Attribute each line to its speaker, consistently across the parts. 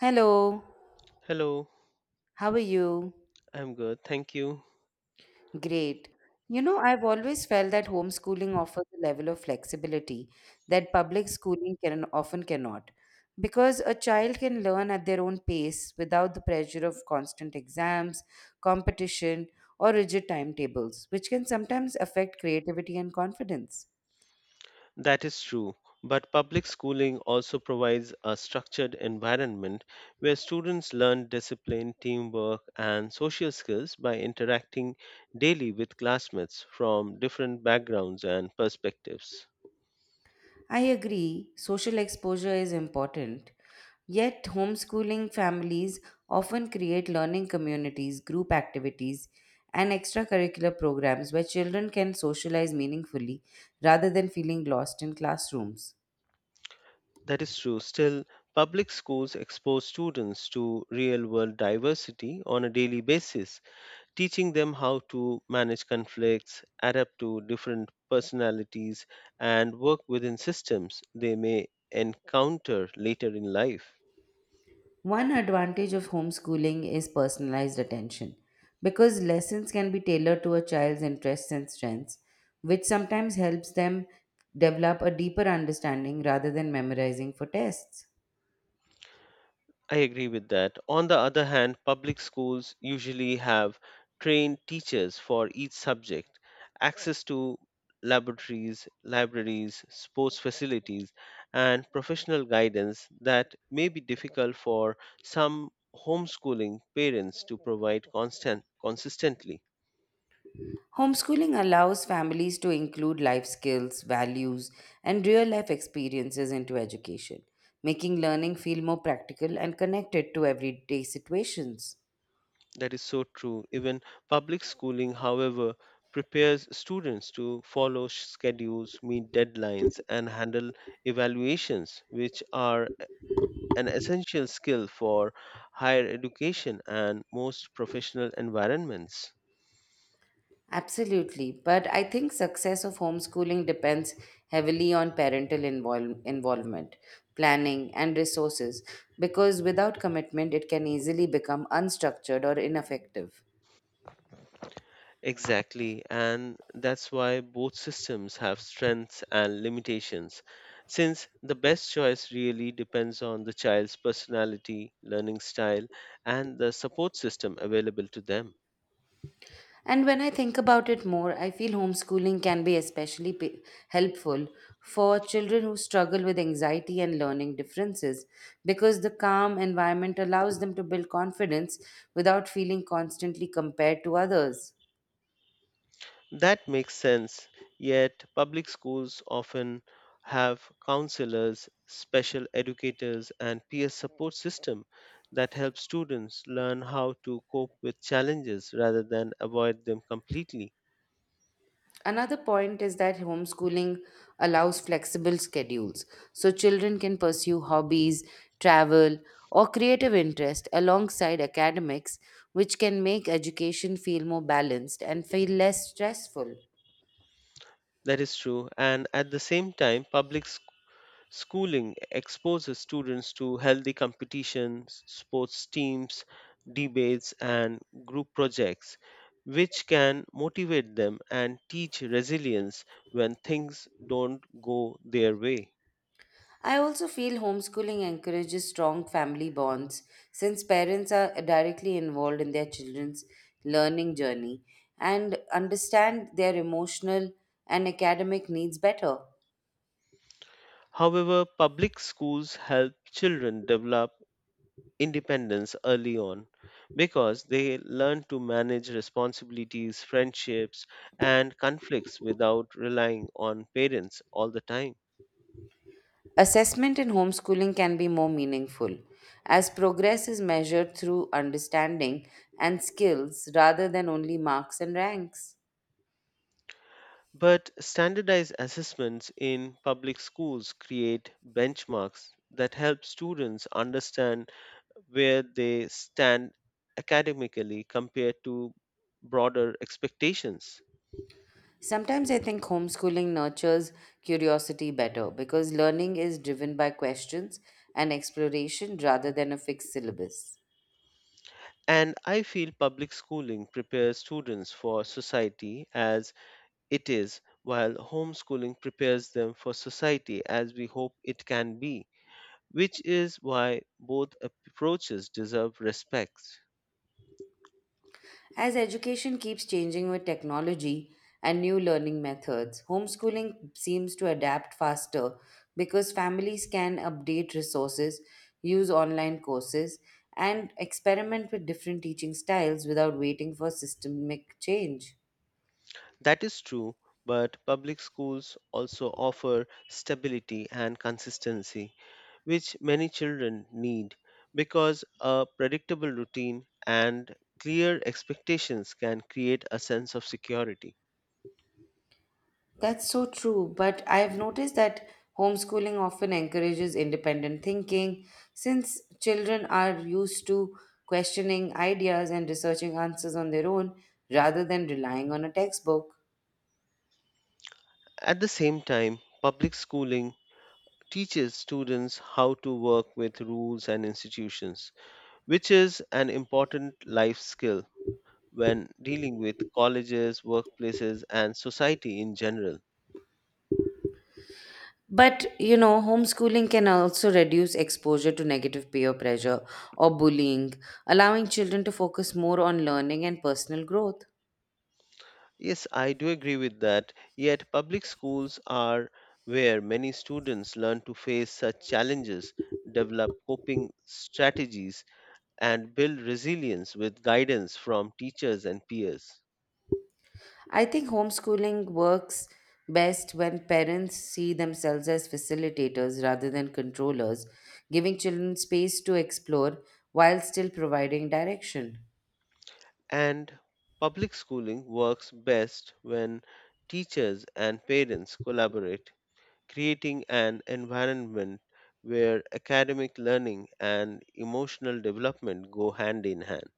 Speaker 1: Hello,
Speaker 2: Hello,
Speaker 1: how are you?
Speaker 2: I'm good, thank you.
Speaker 1: Great. You know, I've always felt that homeschooling offers a level of flexibility that public schooling can often cannot, because a child can learn at their own pace without the pressure of constant exams, competition, or rigid timetables, which can sometimes affect creativity and confidence.
Speaker 2: That is true, but public schooling also provides a structured environment where students learn discipline, teamwork, and social skills by interacting daily with classmates from different backgrounds and perspectives.
Speaker 1: I agree, social exposure is important. Yet, homeschooling families often create learning communities, group activities, and extracurricular programs where children can socialize meaningfully rather than feeling lost in classrooms.
Speaker 2: That is true. Still, public schools expose students to real world diversity on a daily basis. Teaching them how to manage conflicts, adapt to different personalities, and work within systems they may encounter later in life.
Speaker 1: One advantage of homeschooling is personalized attention because lessons can be tailored to a child's interests and strengths, which sometimes helps them develop a deeper understanding rather than memorizing for tests.
Speaker 2: I agree with that. On the other hand, public schools usually have trained teachers for each subject, access to laboratories, libraries, sports facilities, and professional guidance that may be difficult for some homeschooling parents to provide constant consistently.
Speaker 1: Homeschooling allows families to include life skills, values, and real life experiences into education, making learning feel more practical and connected to everyday situations.
Speaker 2: That is so true. Even public schooling, however, prepares students to follow schedules, meet deadlines, and handle evaluations, which are an essential skill for higher education and most professional environments.
Speaker 1: Absolutely, but I think success of homeschooling depends heavily on parental involvement, planning, and resources because without commitment it can easily become unstructured or ineffective.
Speaker 2: Exactly, and that's why both systems have strengths and limitations, since the best choice really depends on the child's personality, learning style, and the support system available to them.
Speaker 1: And when I think about it more, I feel homeschooling can be especially helpful for children who struggle with anxiety and learning differences because the calm environment allows them to build confidence without feeling constantly compared to others.
Speaker 2: That makes sense, yet public schools often have counselors, special educators, and peer support system that help students learn how to cope with challenges rather than avoid them completely.
Speaker 1: Another point is that homeschooling allows flexible schedules, so children can pursue hobbies, travel, or creative interest alongside academics, which can make education feel more balanced and feel less stressful.
Speaker 2: That is true, and at the same time, public schooling exposes students to healthy competitions, sports teams, debates, and group projects, which can motivate them and teach resilience when things don't go their way.
Speaker 1: I also feel homeschooling encourages strong family bonds since parents are directly involved in their children's learning journey and understand their emotional and academic needs better.
Speaker 2: However, public schools help children develop independence early on because they learn to manage responsibilities, friendships, and conflicts without relying on parents all the time.
Speaker 1: Assessment in homeschooling can be more meaningful as progress is measured through understanding and skills rather than only marks and ranks.
Speaker 2: But standardized assessments in public schools create benchmarks that help students understand where they stand academically compared to broader expectations.
Speaker 1: Sometimes I think homeschooling nurtures curiosity better because learning is driven by questions and exploration rather than a fixed syllabus.
Speaker 2: And I feel public schooling prepares students for society as it is, while homeschooling prepares them for society as we hope it can be, which is why both approaches deserve respect.
Speaker 1: As education keeps changing with technology and new learning methods, homeschooling seems to adapt faster because families can update resources, use online courses, and experiment with different teaching styles without waiting for systemic change.
Speaker 2: That is true, but public schools also offer stability and consistency, which many children need because a predictable routine and clear expectations can create a sense of security.
Speaker 1: That's so true, but I've noticed that homeschooling often encourages independent thinking since children are used to questioning ideas and researching answers on their own rather than relying on a textbook.
Speaker 2: At the same time, public schooling teaches students how to work with rules and institutions, which is an important life skill when dealing with colleges, workplaces, and society in general.
Speaker 1: But you know, homeschooling can also reduce exposure to negative peer pressure or bullying, allowing children to focus more on learning and personal growth.
Speaker 2: Yes, I do agree with that. Yet, public schools are where many students learn to face such challenges, develop coping strategies, and build resilience with guidance from teachers and peers.
Speaker 1: I think homeschooling works best when parents see themselves as facilitators rather than controllers, giving children space to explore while still providing direction.
Speaker 2: And public schooling works best when teachers and parents collaborate, creating an environment where academic learning and emotional development go hand in hand.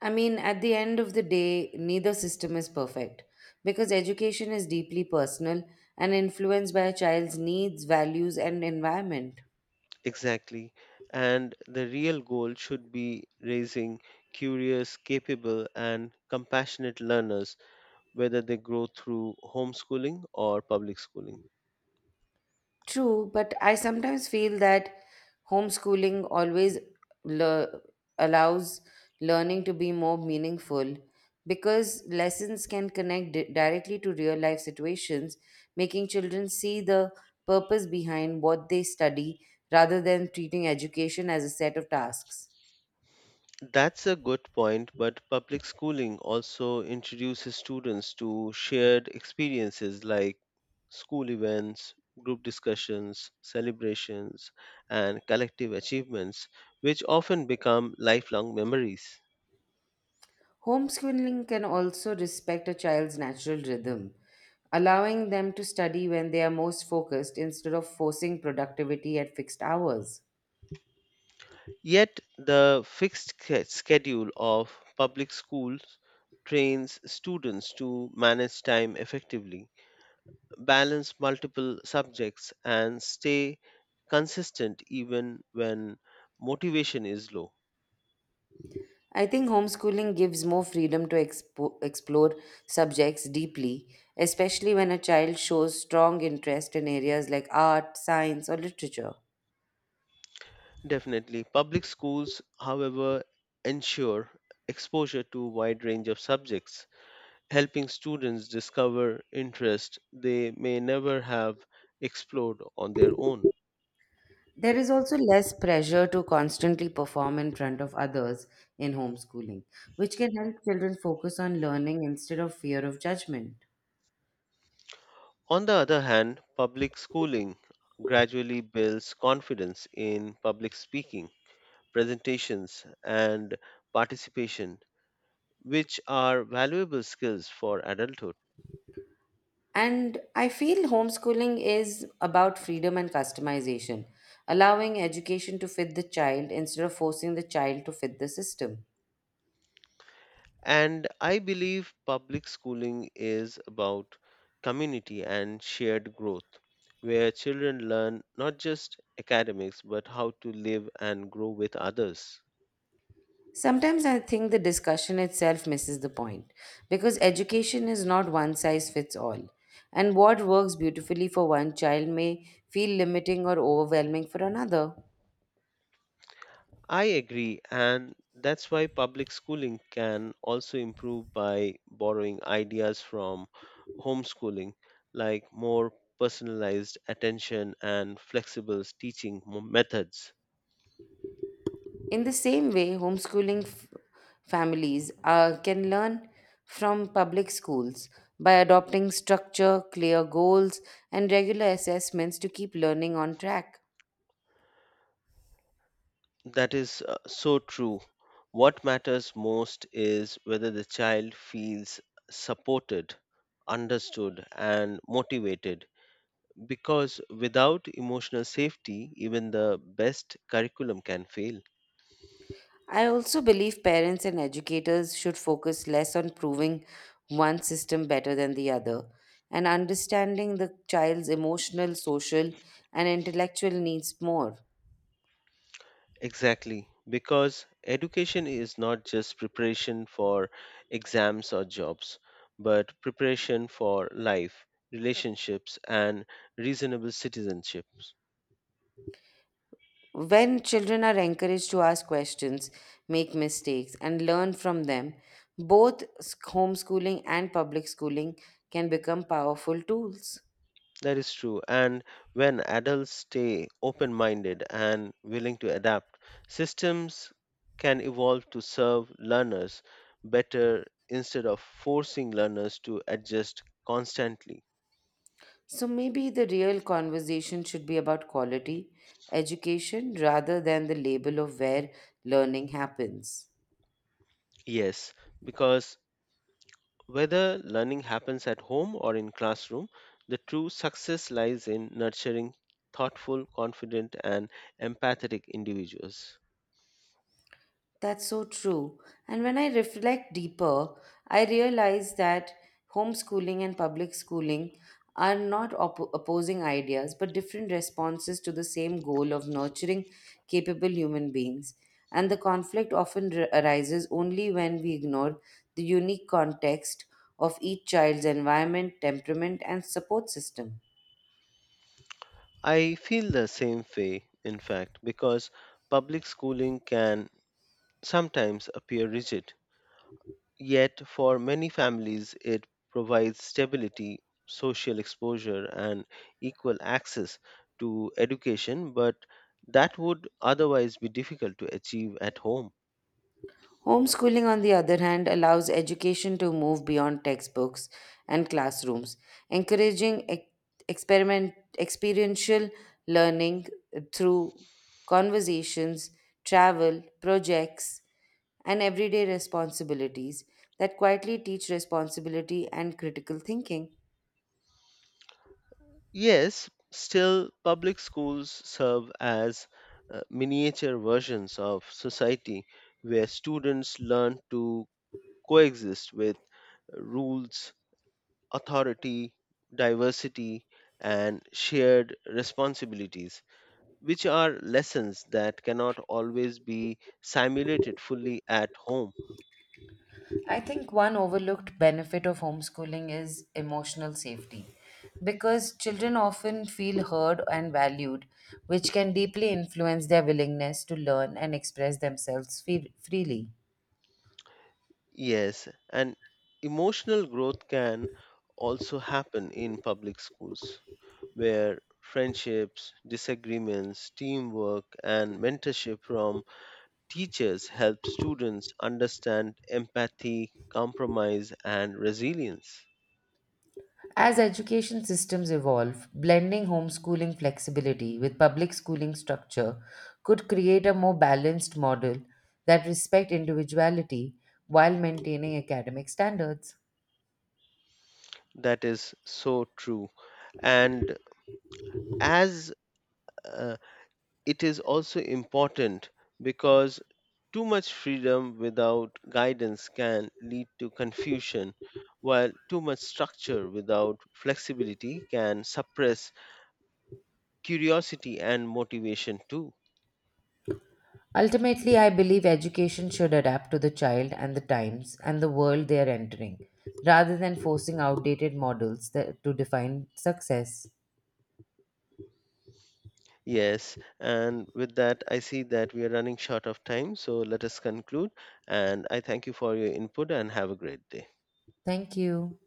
Speaker 1: I mean, at the end of the day, neither system is perfect because education is deeply personal and influenced by a child's needs, values, and environment.
Speaker 2: Exactly. And the real goal should be raising curious, capable, and compassionate learners, whether they grow through homeschooling or public schooling.
Speaker 1: True, but I sometimes feel that homeschooling always le- allows learning to be more meaningful because lessons can connect directly to real life situations, making children see the purpose behind what they study rather than treating education as a set of tasks.
Speaker 2: That's a good point, but public schooling also introduces students to shared experiences like school events, group discussions, celebrations, and collective achievements, which often become lifelong memories.
Speaker 1: Homeschooling can also respect a child's natural rhythm, allowing them to study when they are most focused instead of forcing productivity at fixed hours.
Speaker 2: Yet, the fixed schedule of public schools trains students to manage time effectively, balance multiple subjects, and stay consistent even when motivation is low.
Speaker 1: I think homeschooling gives more freedom to explore subjects deeply, especially when a child shows strong interest in areas like art, science, or literature.
Speaker 2: Definitely, public schools, however, ensure exposure to a wide range of subjects, helping students discover interests they may never have explored on their own.
Speaker 1: There is also less pressure to constantly perform in front of others in homeschooling, which can help children focus on learning instead of fear of judgment.
Speaker 2: On the other hand, public schooling gradually builds confidence in public speaking, presentations, and participation, which are valuable skills for adulthood.
Speaker 1: And I feel homeschooling is about freedom and customization, allowing education to fit the child instead of forcing the child to fit the system.
Speaker 2: And I believe public schooling is about community and shared growth, where children learn not just academics but how to live and grow with others.
Speaker 1: Sometimes I think the discussion itself misses the point because education is not one size fits all, and what works beautifully for one child may feel limiting or overwhelming for another.
Speaker 2: I agree, and that's why public schooling can also improve by borrowing ideas from homeschooling, like more personalized attention and flexible teaching methods.
Speaker 1: In the same way, homeschooling families can learn from public schools by adopting structure, clear goals, and regular assessments to keep learning on track.
Speaker 2: That is so true. What matters most is whether the child feels supported, understood, and motivated, because without emotional safety, even the best curriculum can fail.
Speaker 1: I also believe parents and educators should focus less on proving one system better than the other and understanding the child's emotional, social, and intellectual needs more.
Speaker 2: Exactly, because education is not just preparation for exams or jobs, but preparation for life, relationships, and reasonable citizenships.
Speaker 1: When children are encouraged to ask questions, make mistakes, and learn from them, homeschooling and public schooling can become powerful tools.
Speaker 2: That is true. And when adults stay open minded and willing to adapt, systems can evolve to serve learners better instead of forcing learners to adjust constantly.
Speaker 1: So maybe the real conversation should be about quality education rather than the label of where learning happens.
Speaker 2: Yes, because whether learning happens at home or in classroom, the true success lies in nurturing thoughtful, confident, and empathetic individuals.
Speaker 1: That's so true. And when I reflect deeper, I realize that homeschooling and public schooling are not opposing ideas, but different responses to the same goal of nurturing capable human beings. And the conflict often arises only when we ignore the unique context of each child's environment, temperament, and support system.
Speaker 2: I feel the same way, in fact, because public schooling can sometimes appear rigid. Yet, for many families, it provides stability, social exposure, and equal access to education, but that would otherwise be difficult to achieve at home.
Speaker 1: Homeschooling, on the other hand, allows education to move beyond textbooks and classrooms, encouraging experiential learning through conversations, travel, projects, and everyday responsibilities that quietly teach responsibility and critical thinking.
Speaker 2: Yes, still, public schools serve as miniature versions of society where students learn to coexist with rules, authority, diversity, and shared responsibilities, which are lessons that cannot always be simulated fully at home.
Speaker 1: I think one overlooked benefit of homeschooling is emotional safety because children often feel heard and valued, which can deeply influence their willingness to learn and express themselves freely.
Speaker 2: Yes, and emotional growth can also happen in public schools, where friendships, disagreements, teamwork, and mentorship from teachers help students understand empathy, compromise, and resilience.
Speaker 1: As education systems evolve, blending homeschooling flexibility with public schooling structure could create a more balanced model that respects individuality while maintaining academic standards.
Speaker 2: That is so true. And as uh, it is also important because too much freedom without guidance can lead to confusion, while too much structure without flexibility can suppress curiosity and motivation too.
Speaker 1: Ultimately, I believe education should adapt to the child and the times and the world they are entering, rather than forcing outdated models that, to define success.
Speaker 2: Yes, and with that, I see that we are running short of time, so let us conclude. And I thank you for your input and have a great day.
Speaker 1: Thank you.